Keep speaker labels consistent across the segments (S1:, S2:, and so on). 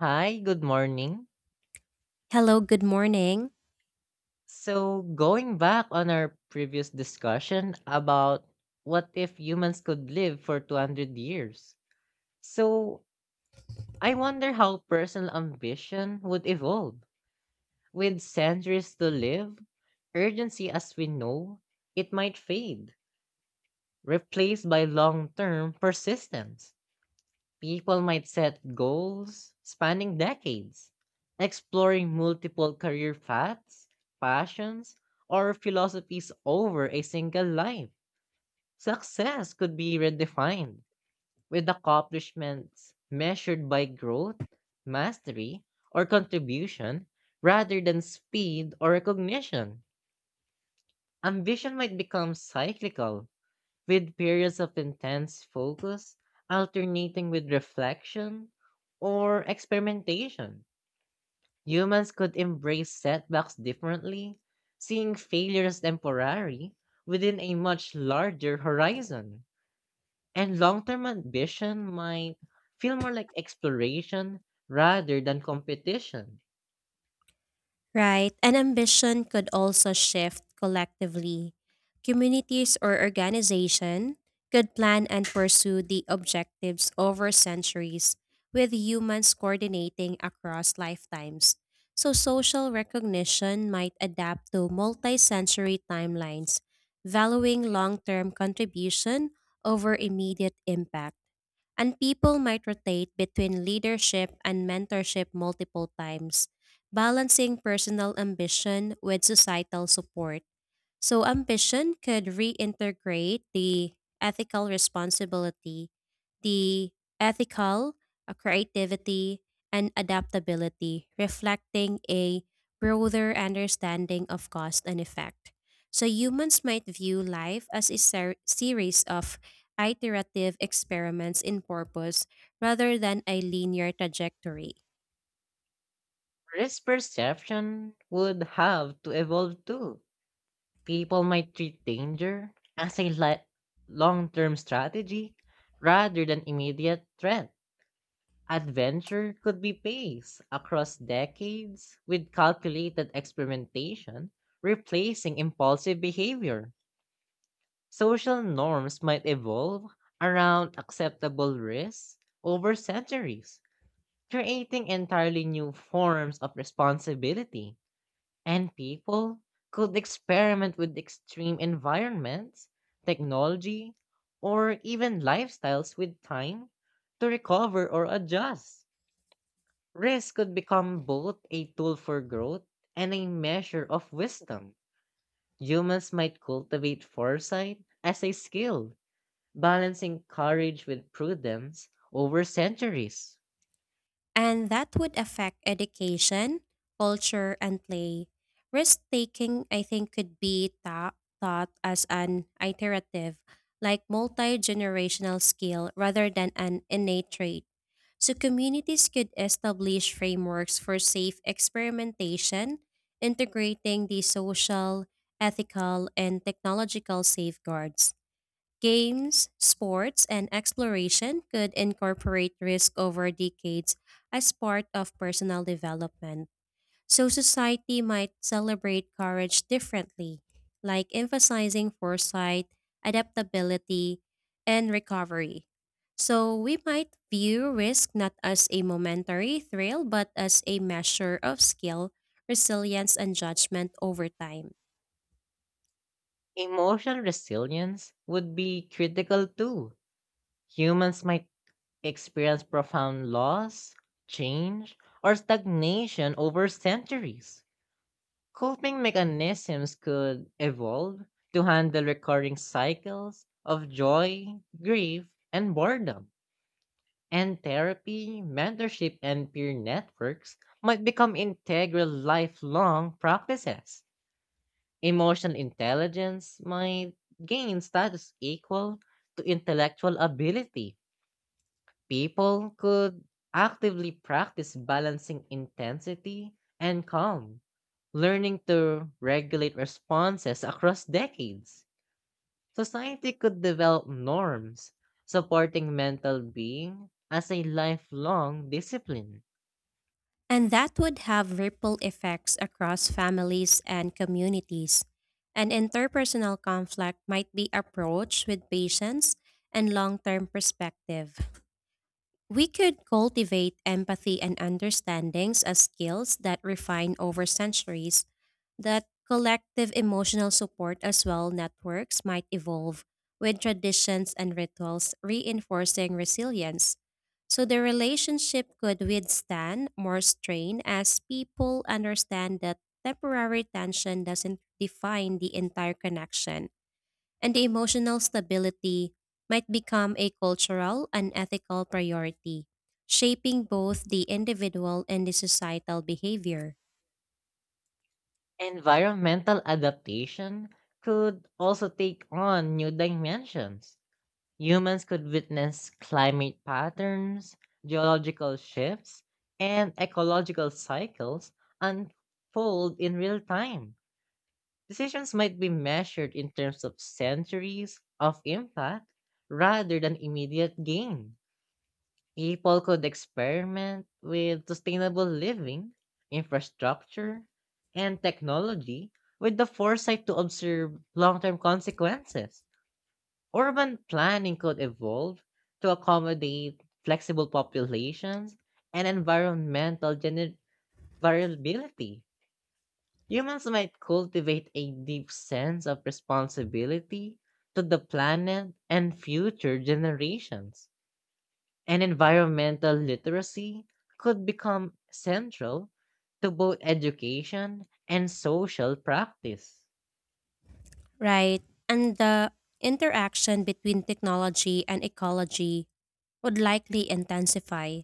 S1: Hi, good morning.
S2: Hello, good morning.
S1: Going back on our previous discussion about what if humans could live for 200 years. So, I wonder how personal ambition would evolve. With centuries to live, urgency as we know, it might fade, replaced by long term persistence. People might set goals spanning decades, exploring multiple career paths, passions, or philosophies over a single life. Success could be redefined, with accomplishments measured by growth, mastery, or contribution rather than speed or recognition. Ambition might become cyclical, with periods of intense focus, alternating with reflection or experimentation. Humans could embrace setbacks differently, seeing failure as temporary within a much larger horizon. And long term ambition might feel more like exploration rather than competition.
S2: Right, and ambition could also shift collectively. Communities or organization could plan and pursue the objectives over centuries, with humans coordinating across lifetimes. So, social recognition might adapt to multi century timelines, valuing long term contribution over immediate impact. And people might rotate between leadership and mentorship multiple times, balancing personal ambition with societal support. So ambition could reintegrate the ethical responsibility, the ethical creativity, and adaptability, reflecting a broader understanding of cause and effect. So humans might view life as a series of iterative experiments in purpose rather than a linear trajectory.
S1: Risk perception would have to evolve too. People might treat danger as long-term strategy rather than immediate threat. Adventure could be paced across decades with calculated experimentation, replacing impulsive behavior. Social norms might evolve around acceptable risks over centuries, creating entirely new forms of responsibility. And people could experiment with extreme environments, technology, or even lifestyles with time to recover or adjust. Risk could become both a tool for growth and a measure of wisdom. Humans might cultivate foresight as a skill, balancing courage with prudence over centuries.
S2: And that would affect education, culture, and play. Risk taking, I think, could be taught as an iterative, like multi generational skill rather than an innate trait. So, communities could establish frameworks for safe experimentation, integrating the social, ethical, and technological safeguards. Games, sports, and exploration could incorporate risk over decades as part of personal development. So, society might celebrate courage differently, like emphasizing foresight, adaptability, and recovery. So, we might view risk not as a momentary thrill, but as a measure of skill, resilience, and judgment over time.
S1: Emotional resilience would be critical too. Humans might experience profound loss, change, or stagnation over centuries. Coping mechanisms could evolve to handle recurring cycles of joy, grief, and boredom. And therapy, mentorship, and peer networks might become integral lifelong practices. Emotional intelligence might gain status equal to intellectual ability. People could actively practice balancing intensity and calm, learning to regulate responses across decades. Society could develop norms, supporting mental being as a lifelong discipline.
S2: And that would have ripple effects across families and communities. And interpersonal conflict might be approached with patience and long term perspective. We could cultivate empathy and understandings as skills that refine over centuries. That collective emotional support as well networks might evolve with traditions and rituals reinforcing resilience. So the relationship could withstand more strain as people understand that temporary tension doesn't define the entire connection and the emotional stability might become a cultural and ethical priority, shaping both the individual and the societal behavior.
S1: Environmental adaptation could also take on new dimensions. Humans could witness climate patterns, geological shifts, and ecological cycles unfold in real time. Decisions might be measured in terms of centuries of impact rather than immediate gain. People could experiment with sustainable living, infrastructure, and technology with the foresight to observe long term consequences. Urban planning could evolve to accommodate flexible populations and variability. Humans might cultivate a deep sense of responsibility to the planet and future generations. And environmental literacy could become central to both education and social practice.
S2: Right? And the interaction between technology and ecology would likely intensify.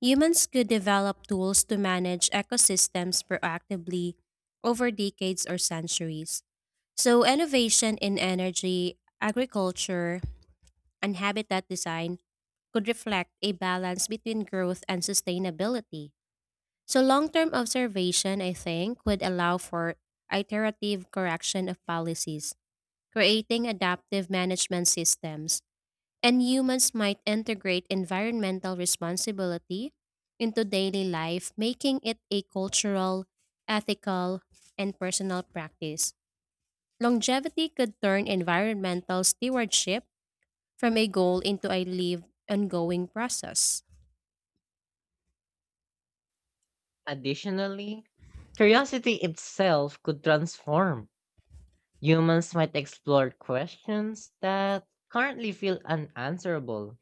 S2: Humans could develop tools to manage ecosystems proactively over decades or centuries. So, innovation in energy, agriculture, and habitat design could reflect a balance between growth and sustainability. So, long term observation, I think, would allow for iterative correction of policies, creating adaptive management systems. And humans might integrate environmental responsibility into daily life, making it a cultural, ethical, and personal practice. Longevity could turn environmental stewardship from a goal into a lived ongoing process.
S1: Additionally, curiosity itself could transform. Humans might explore questions that currently feel unanswerable,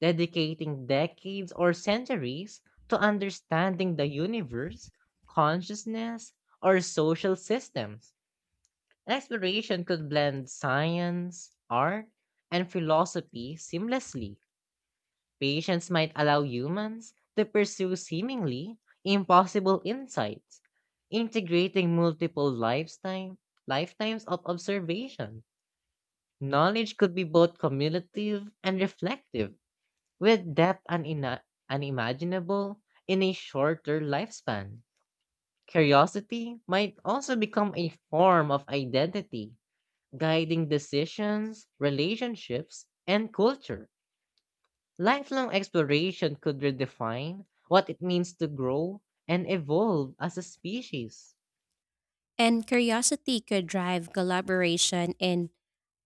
S1: dedicating decades or centuries to understanding the universe, consciousness, or social systems. An exploration could blend science, art, and philosophy seamlessly. Patience might allow humans to pursue seemingly impossible insights, integrating lifetimes of observation. Knowledge could be both cumulative and reflective, with depth unimaginable in a shorter lifespan. Curiosity might also become a form of identity, guiding decisions, relationships, and culture. Lifelong exploration could redefine what it means to grow and evolve as a species.
S2: And curiosity could drive collaboration in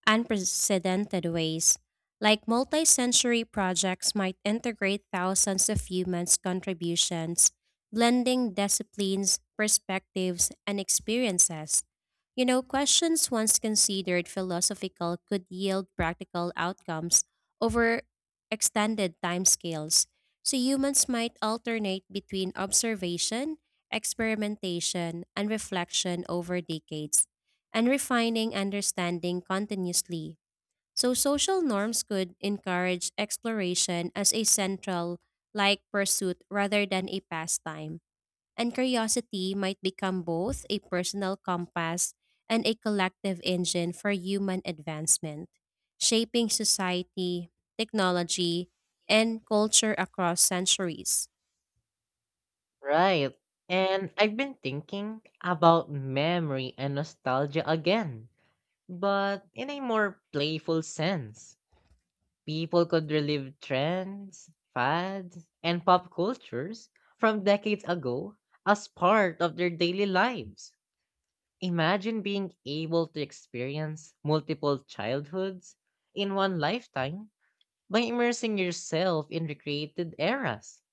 S2: unprecedented ways, like multi sensory projects might integrate thousands of humans' contributions, blending disciplines, perspectives, and experiences. You know, questions once considered philosophical could yield practical outcomes over extended timescales. So humans might alternate between observation, experimentation, and reflection over decades and refining understanding continuously. So social norms could encourage exploration as a central like pursuit rather than a pastime. And curiosity might become both a personal compass and a collective engine for human advancement, shaping society, technology, and culture across centuries.
S1: Right. And I've been thinking about memory and nostalgia again, but in a more playful sense. People could relive trends, fads, and pop cultures from decades ago as part of their daily lives. Imagine being able to experience multiple childhoods in one lifetime by immersing yourself in recreated eras.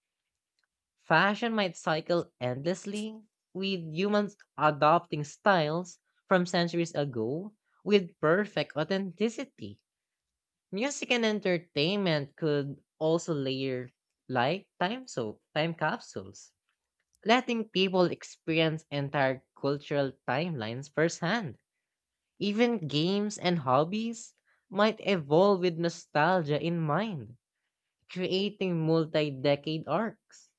S1: Fashion might cycle endlessly, with humans adopting styles from centuries ago with perfect authenticity. Music and entertainment could also layer like time capsules, letting people experience entire cultural timelines firsthand. Even games and hobbies might evolve with nostalgia in mind, creating multi-decade arcs.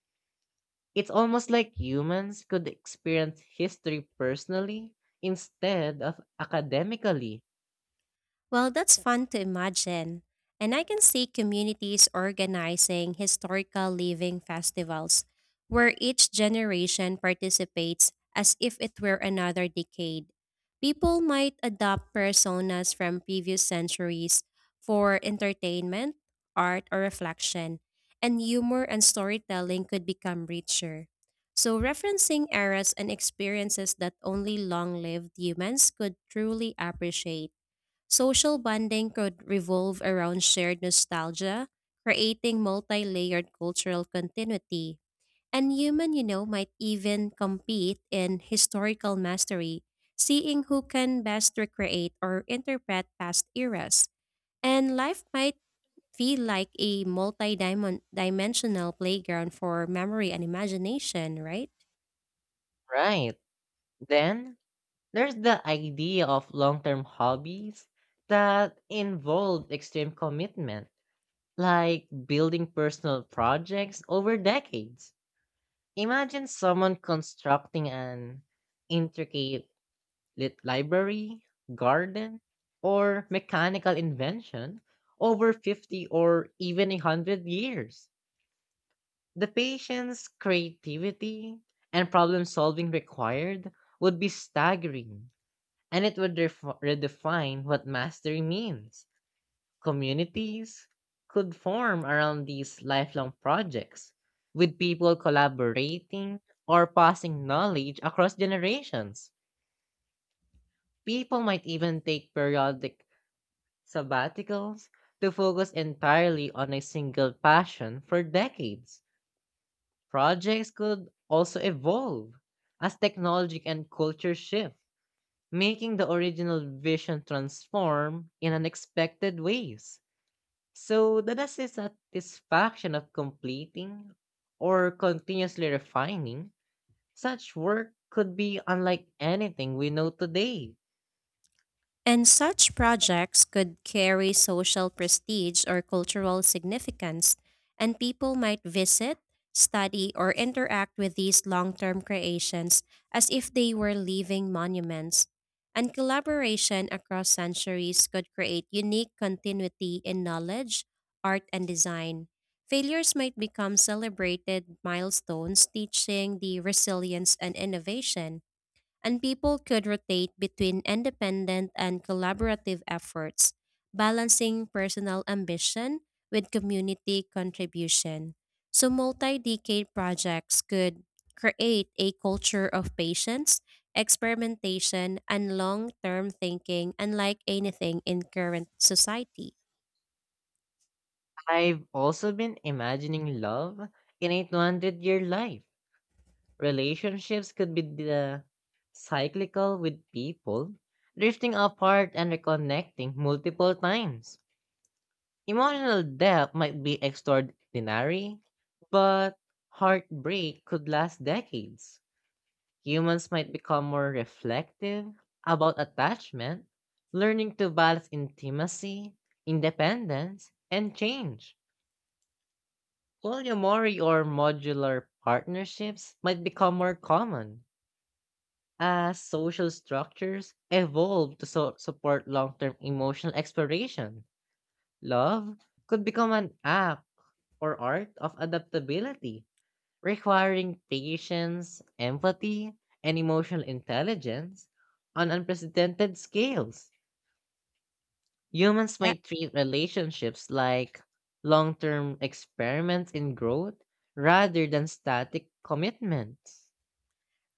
S1: It's almost like humans could experience history personally instead of academically.
S2: Well, that's fun to imagine. And I can see communities organizing historical living festivals where each generation participates as if it were another decade. People might adopt personas from previous centuries for entertainment, art, or reflection, and humor and storytelling could become richer. So, referencing eras and experiences that only long lived humans could truly appreciate. Social bonding could revolve around shared nostalgia, creating multi layered cultural continuity. And human, you know, might even compete in historical mastery, seeing who can best recreate or interpret past eras. And life might feel like a multi dimensional playground for memory and imagination, right?
S1: Right. Then There's the idea of long term hobbies that involve extreme commitment, like building personal projects over decades. Imagine someone constructing an intricate lit library, garden, or mechanical invention over 50 or even 100 years. The patience, creativity, and problem solving required would be staggering, and it would redefine what mastery means. Communities could form around these lifelong projects, with people collaborating or passing knowledge across generations. People might even take periodic sabbaticals to focus entirely on a single passion for decades. Projects could also evolve as technology and culture shift, making the original vision transform in unexpected ways. So the satisfaction of completing or continuously refining such work could be unlike anything we know today.
S2: And such projects could carry social prestige or cultural significance, and people might visit, study, or interact with these long term creations as if they were living monuments. And collaboration across centuries could create unique continuity in knowledge, art, and design. Failures might become celebrated milestones, teaching the resilience and innovation and people could rotate between independent and collaborative efforts, balancing personal ambition with community contribution. So, multi decade projects could create a culture of patience, experimentation, and long term thinking, unlike anything in current society.
S1: I've also been imagining love in a 200-year life. Relationships could be the cyclical with people, drifting apart and reconnecting multiple times. Emotional depth might be extraordinary, but heartbreak could last decades. Humans might become more reflective about attachment, learning to balance intimacy, independence, and change. Polyamory or modular partnerships might become more common as social structures evolve to support long term emotional exploration. Love could become an act or art of adaptability, requiring patience, empathy, and emotional intelligence on unprecedented scales. Humans might treat relationships like long term experiments in growth rather than static commitments.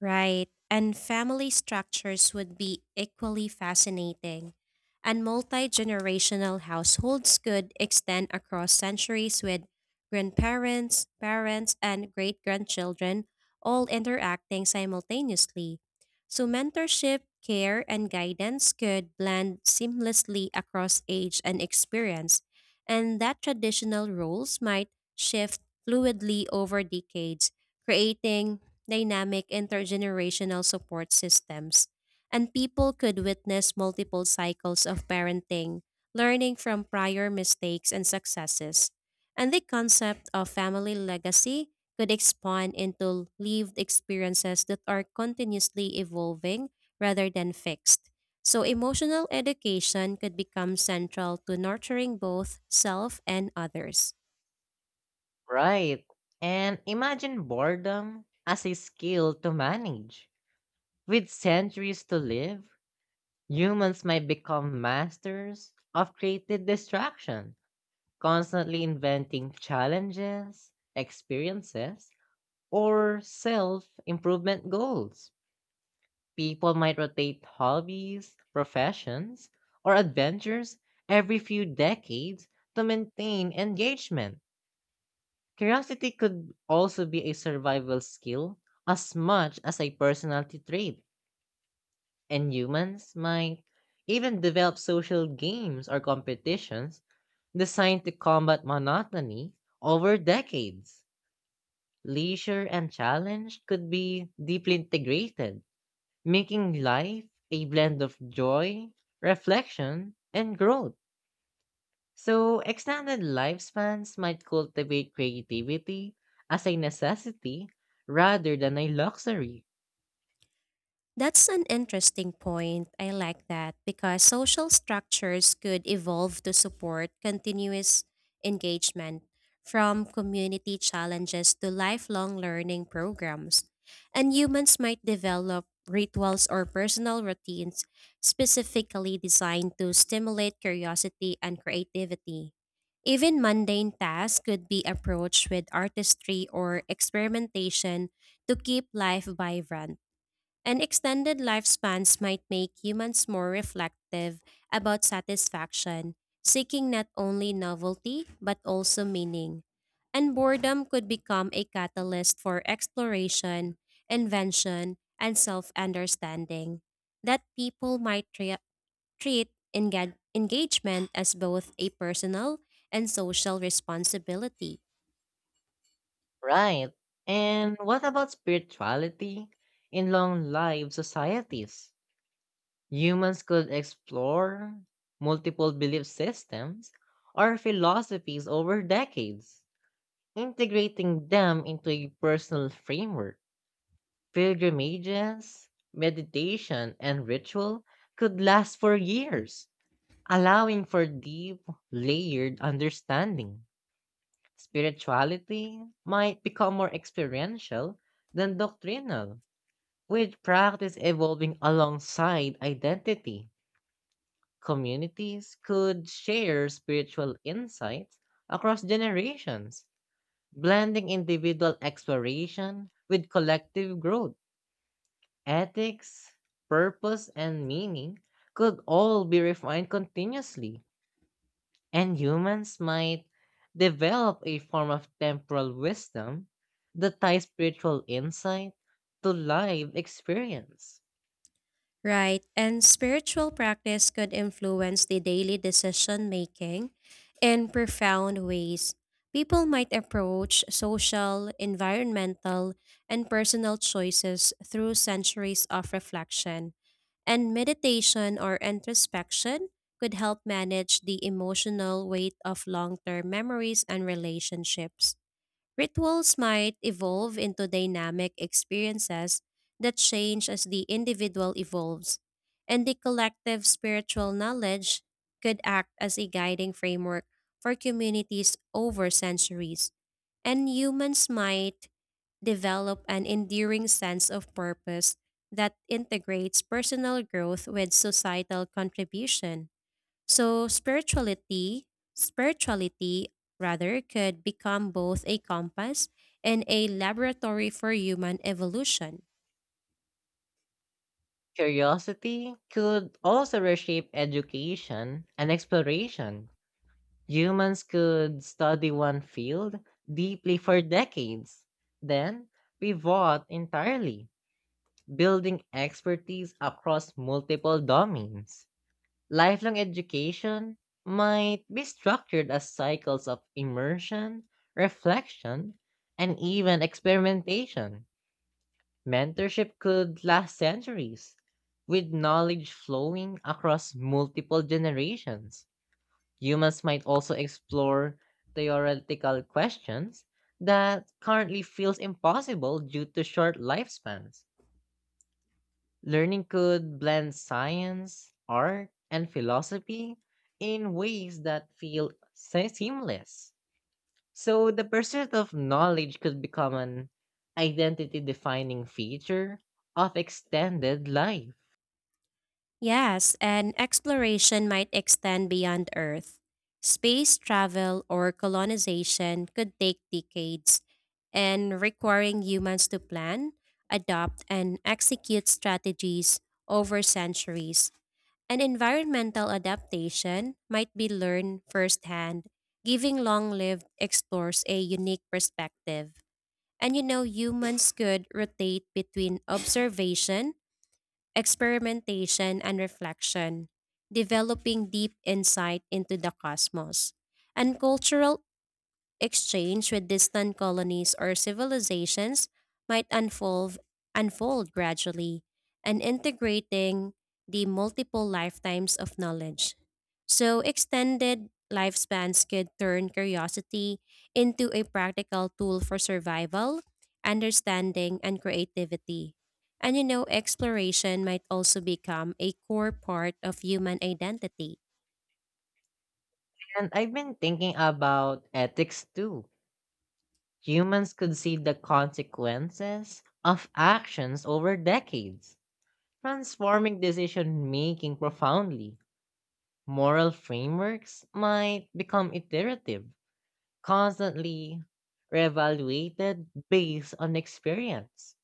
S2: Right. And family structures would be equally fascinating. And multi generational households could extend across centuries with grandparents, parents, and great grandchildren all interacting simultaneously. So, mentorship, care, and guidance could blend seamlessly across age and experience. And that traditional roles might shift fluidly over decades creating dynamic intergenerational support systems, and people could witness multiple cycles of parenting, learning from prior mistakes and successes. And the concept of family legacy could expand into lived experiences that are continuously evolving rather than fixed. So, emotional education could become central to nurturing both self and others.
S1: Right. And imagine boredom as a skill to manage. With centuries to live, humans might become masters of creative distraction, constantly inventing challenges, experiences, or self improvement goals. People might rotate hobbies, professions, or adventures every few decades to maintain engagement. Curiosity could also be a survival skill as much as a personality trait, and humans might even develop social games or competitions designed to combat monotony over decades. Leisure and challenge could be deeply integrated, making life a blend of joy, reflection, and growth. So, extended lifespans might cultivate creativity as a necessity rather than a luxury.
S2: That's an interesting point. I like that because social structures could evolve to support continuous engagement from community challenges to lifelong learning programs. And humans might develop rituals or personal routines specifically designed to stimulate curiosity and creativity. Even mundane tasks could be approached with artistry or experimentation to keep life vibrant. And extended lifespans might make humans more reflective about satisfaction, seeking not only novelty but also meaning. And boredom could become a catalyst for exploration, invention, and self understanding. That people might treat engagement as both a personal and social responsibility.
S1: Right. And what about spirituality in long life societies? Humans could explore multiple belief systems or philosophies over decades, integrating them into a personal framework. Pilgrimages, meditation, and ritual could last for years, allowing for deep, layered understanding. Spirituality might become more experiential than doctrinal, with practice evolving alongside identity. Communities could share spiritual insights across generations, blending individual exploration with collective growth. Ethics, purpose, and meaning could all be refined continuously, and humans might develop a form of temporal wisdom that ties spiritual insight to live experience.
S2: Right, and spiritual practice could influence the daily decision making in profound ways. People might approach social, environmental, and personal choices through centuries of reflection. And meditation or introspection could help manage the emotional weight of long term memories and relationships. Rituals might evolve into dynamic experiences that change as the individual evolves, and the collective spiritual knowledge could act as a guiding framework for communities over centuries. And humans might develop an enduring sense of purpose that integrates personal growth with societal contribution. So spirituality rather could become both a compass and a laboratory for human evolution.
S1: Curiosity could also reshape education and exploration. Humans could study one field deeply for decades, then pivot entirely, building expertise across multiple domains. Lifelong education might be structured as cycles of immersion, reflection, and even experimentation. Mentorship could last centuries, with knowledge flowing across multiple generations. Humans might also explore theoretical questions that currently feels impossible due to short lifespans. Learning could blend science, art, and philosophy in ways that feel seamless. So the pursuit of knowledge could become an identity defining feature of extended life.
S2: Yes, and exploration might extend beyond Earth. Space travel or colonization could take decades and requiring humans to plan, adopt, and execute strategies over centuries. And environmental adaptation might be learned firsthand, giving long lived explores a unique perspective. And you know, humans could rotate between observation, experimentation, and reflection, developing deep insight into the cosmos. And cultural Exchange with distant colonies or civilizations might unfold gradually and integrating the multiple lifetimes of knowledge. So, extended lifespans could turn curiosity into a practical tool for survival, understanding, and creativity. And you know, exploration might also become a core part of human identity.
S1: And I've been thinking about ethics too. Humans could see the consequences of actions over decades, transforming decision making profoundly. Moral frameworks might become iterative, constantly reevaluated based on experience.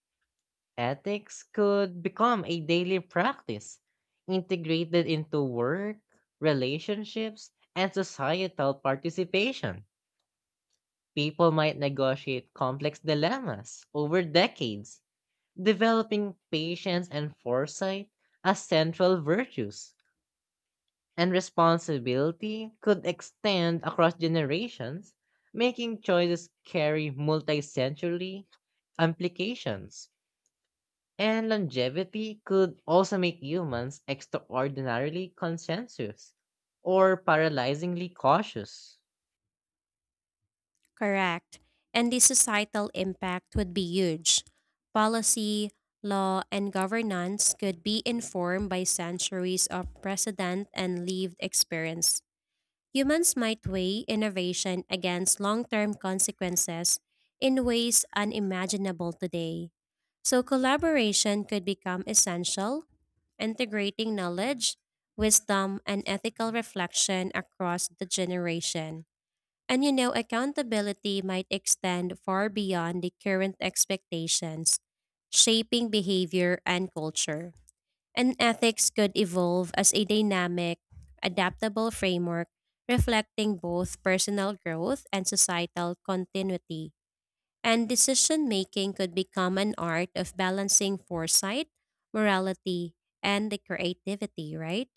S1: Ethics could become a daily practice, integrated into work, relationships, and societal participation. People might negotiate complex dilemmas over decades, developing patience and foresight as central virtues, and responsibility could extend across generations, making choices carry multi century implications. And longevity could also make humans extraordinarily conscientious or paralyzingly cautious.
S2: Correct. And the societal impact would be huge. Policy, law, and governance could be informed by centuries of precedent and lived experience. Humans might weigh innovation against long term consequences in ways unimaginable today. So, collaboration could become essential, integrating knowledge, wisdom, and ethical reflection across the generation. And you know, accountability might extend far beyond the current expectations, shaping behavior and culture. And ethics could evolve as a dynamic, adaptable framework reflecting both personal growth and societal continuity. And decision making could become an art of balancing foresight, morality, and the creativity, right?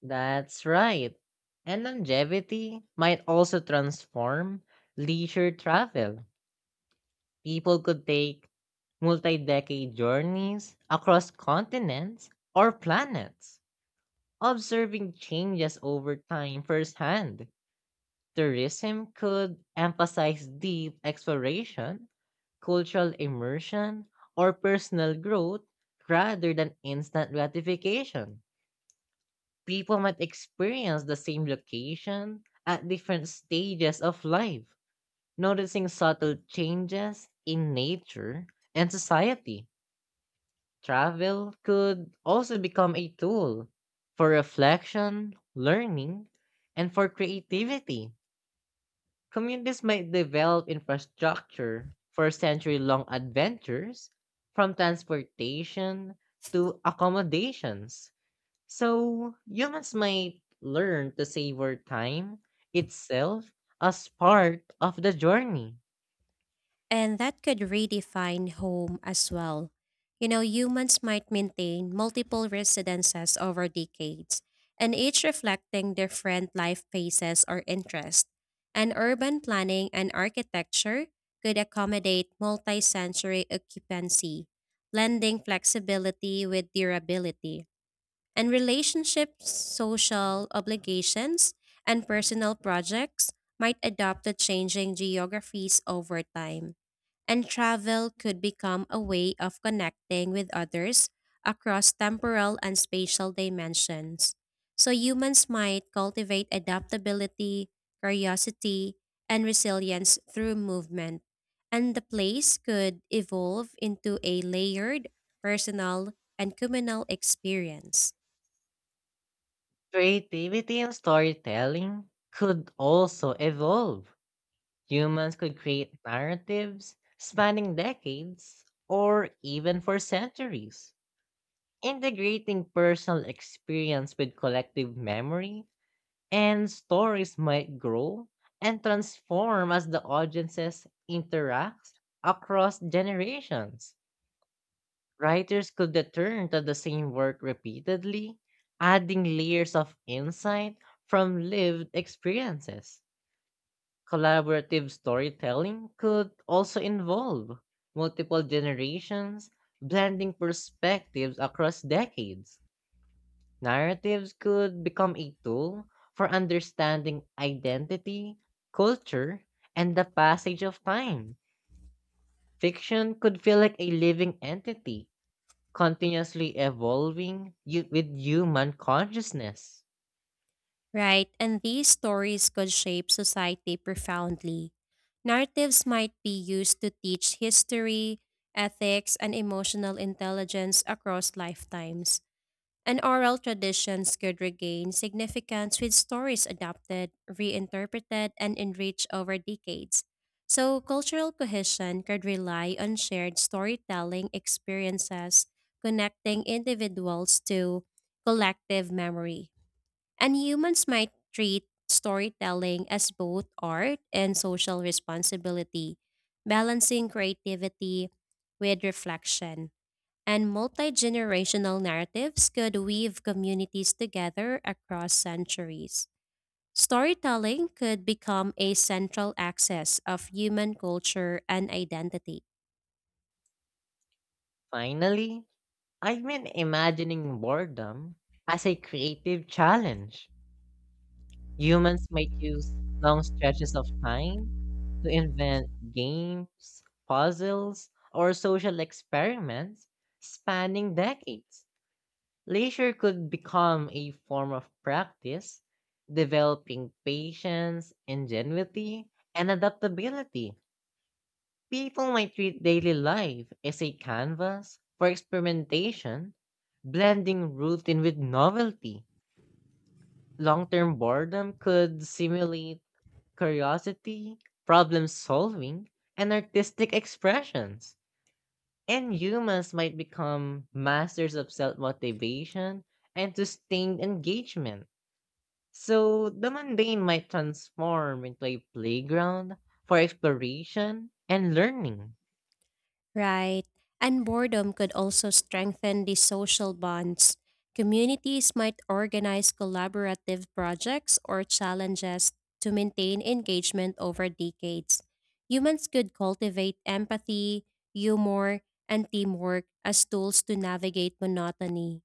S1: That's right. And longevity might also transform leisure travel. People could take multi-decade journeys across continents or planets, observing changes over time firsthand. Tourism could emphasize deep exploration, cultural immersion, or personal growth rather than instant gratification. People might experience the same location at different stages of life, noticing subtle changes in nature and society. Travel could also become a tool for reflection, learning, and for creativity. Communities might develop infrastructure for century long adventures, from transportation to accommodations. So, humans might learn to savor time itself as part of the journey.
S2: And that could redefine home as well. You know, humans might maintain multiple residences over decades, and each reflecting different life phases or interests. And urban planning and architecture could accommodate multi-sensory occupancy, blending flexibility with durability and relationships, social obligations, and personal projects might adapt to changing geographies over time. And travel could become a way of connecting with others across temporal and spatial dimensions. So humans might cultivate adaptability, curiosity, and resilience through movement. And the place could evolve into a layered, personal, and communal experience.
S1: Creativity and storytelling could also evolve. Humans could create narratives spanning decades or even for centuries, integrating personal experience with collective memory, and stories might grow and transform as the audiences interact across generations. Writers could return to the same work repeatedly, adding layers of insight from lived experiences. Collaborative storytelling could also involve multiple generations, blending perspectives across decades. Narratives could become a tool for understanding identity, culture, and the passage of time. Fiction could feel like a living entity, continuously evolving with human consciousness.
S2: Right, and these stories could shape society profoundly. Narratives might be used to teach history, ethics, and emotional intelligence across lifetimes, and oral traditions could regain significance with stories adapted, reinterpreted, and enriched over decades. So, cultural cohesion could rely on shared storytelling experiences, connecting individuals to collective memory. And humans might treat storytelling as both art and social responsibility, balancing creativity with reflection. And multi generational narratives could weave communities together across centuries. Storytelling could become a central axis of human culture and identity.
S1: Finally, I've been imagining boredom as a creative challenge. Humans might use long stretches of time to invent games, puzzles, or social experiments spanning decades. Leisure could become a form of practice, developing patience, ingenuity, and adaptability. People might treat daily life as a canvas for experimentation, blending routine with novelty. Long term boredom could simulate curiosity, problem solving, and artistic expressions. And humans might become masters of self motivation and sustained engagement. So the mundane might transform into a playground for exploration and learning.
S2: Right. And boredom could also strengthen the social bonds. Communities might organize collaborative projects or challenges to maintain engagement over decades. Humans could cultivate empathy, humor, and teamwork as tools to navigate monotony.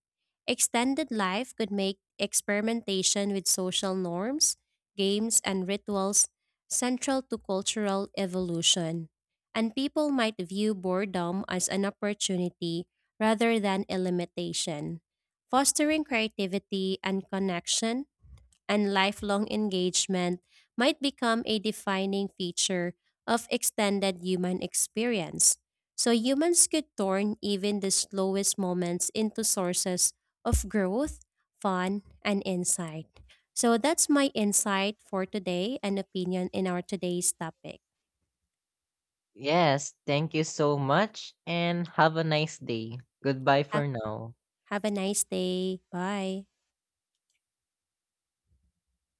S2: Extended life could make experimentation with social norms, games, and rituals central to cultural evolution. And people might view boredom as an opportunity rather than a limitation. Fostering creativity and connection and lifelong engagement might become a defining feature of extended human experience. So humans could turn even the slowest moments into sources of growth, fun, and insight. So that's my insight for today and opinion in our today's topic.
S1: Yes, thank you so much and have a nice day. Goodbye
S2: Ha-
S1: for now.
S2: Have a nice day. Bye.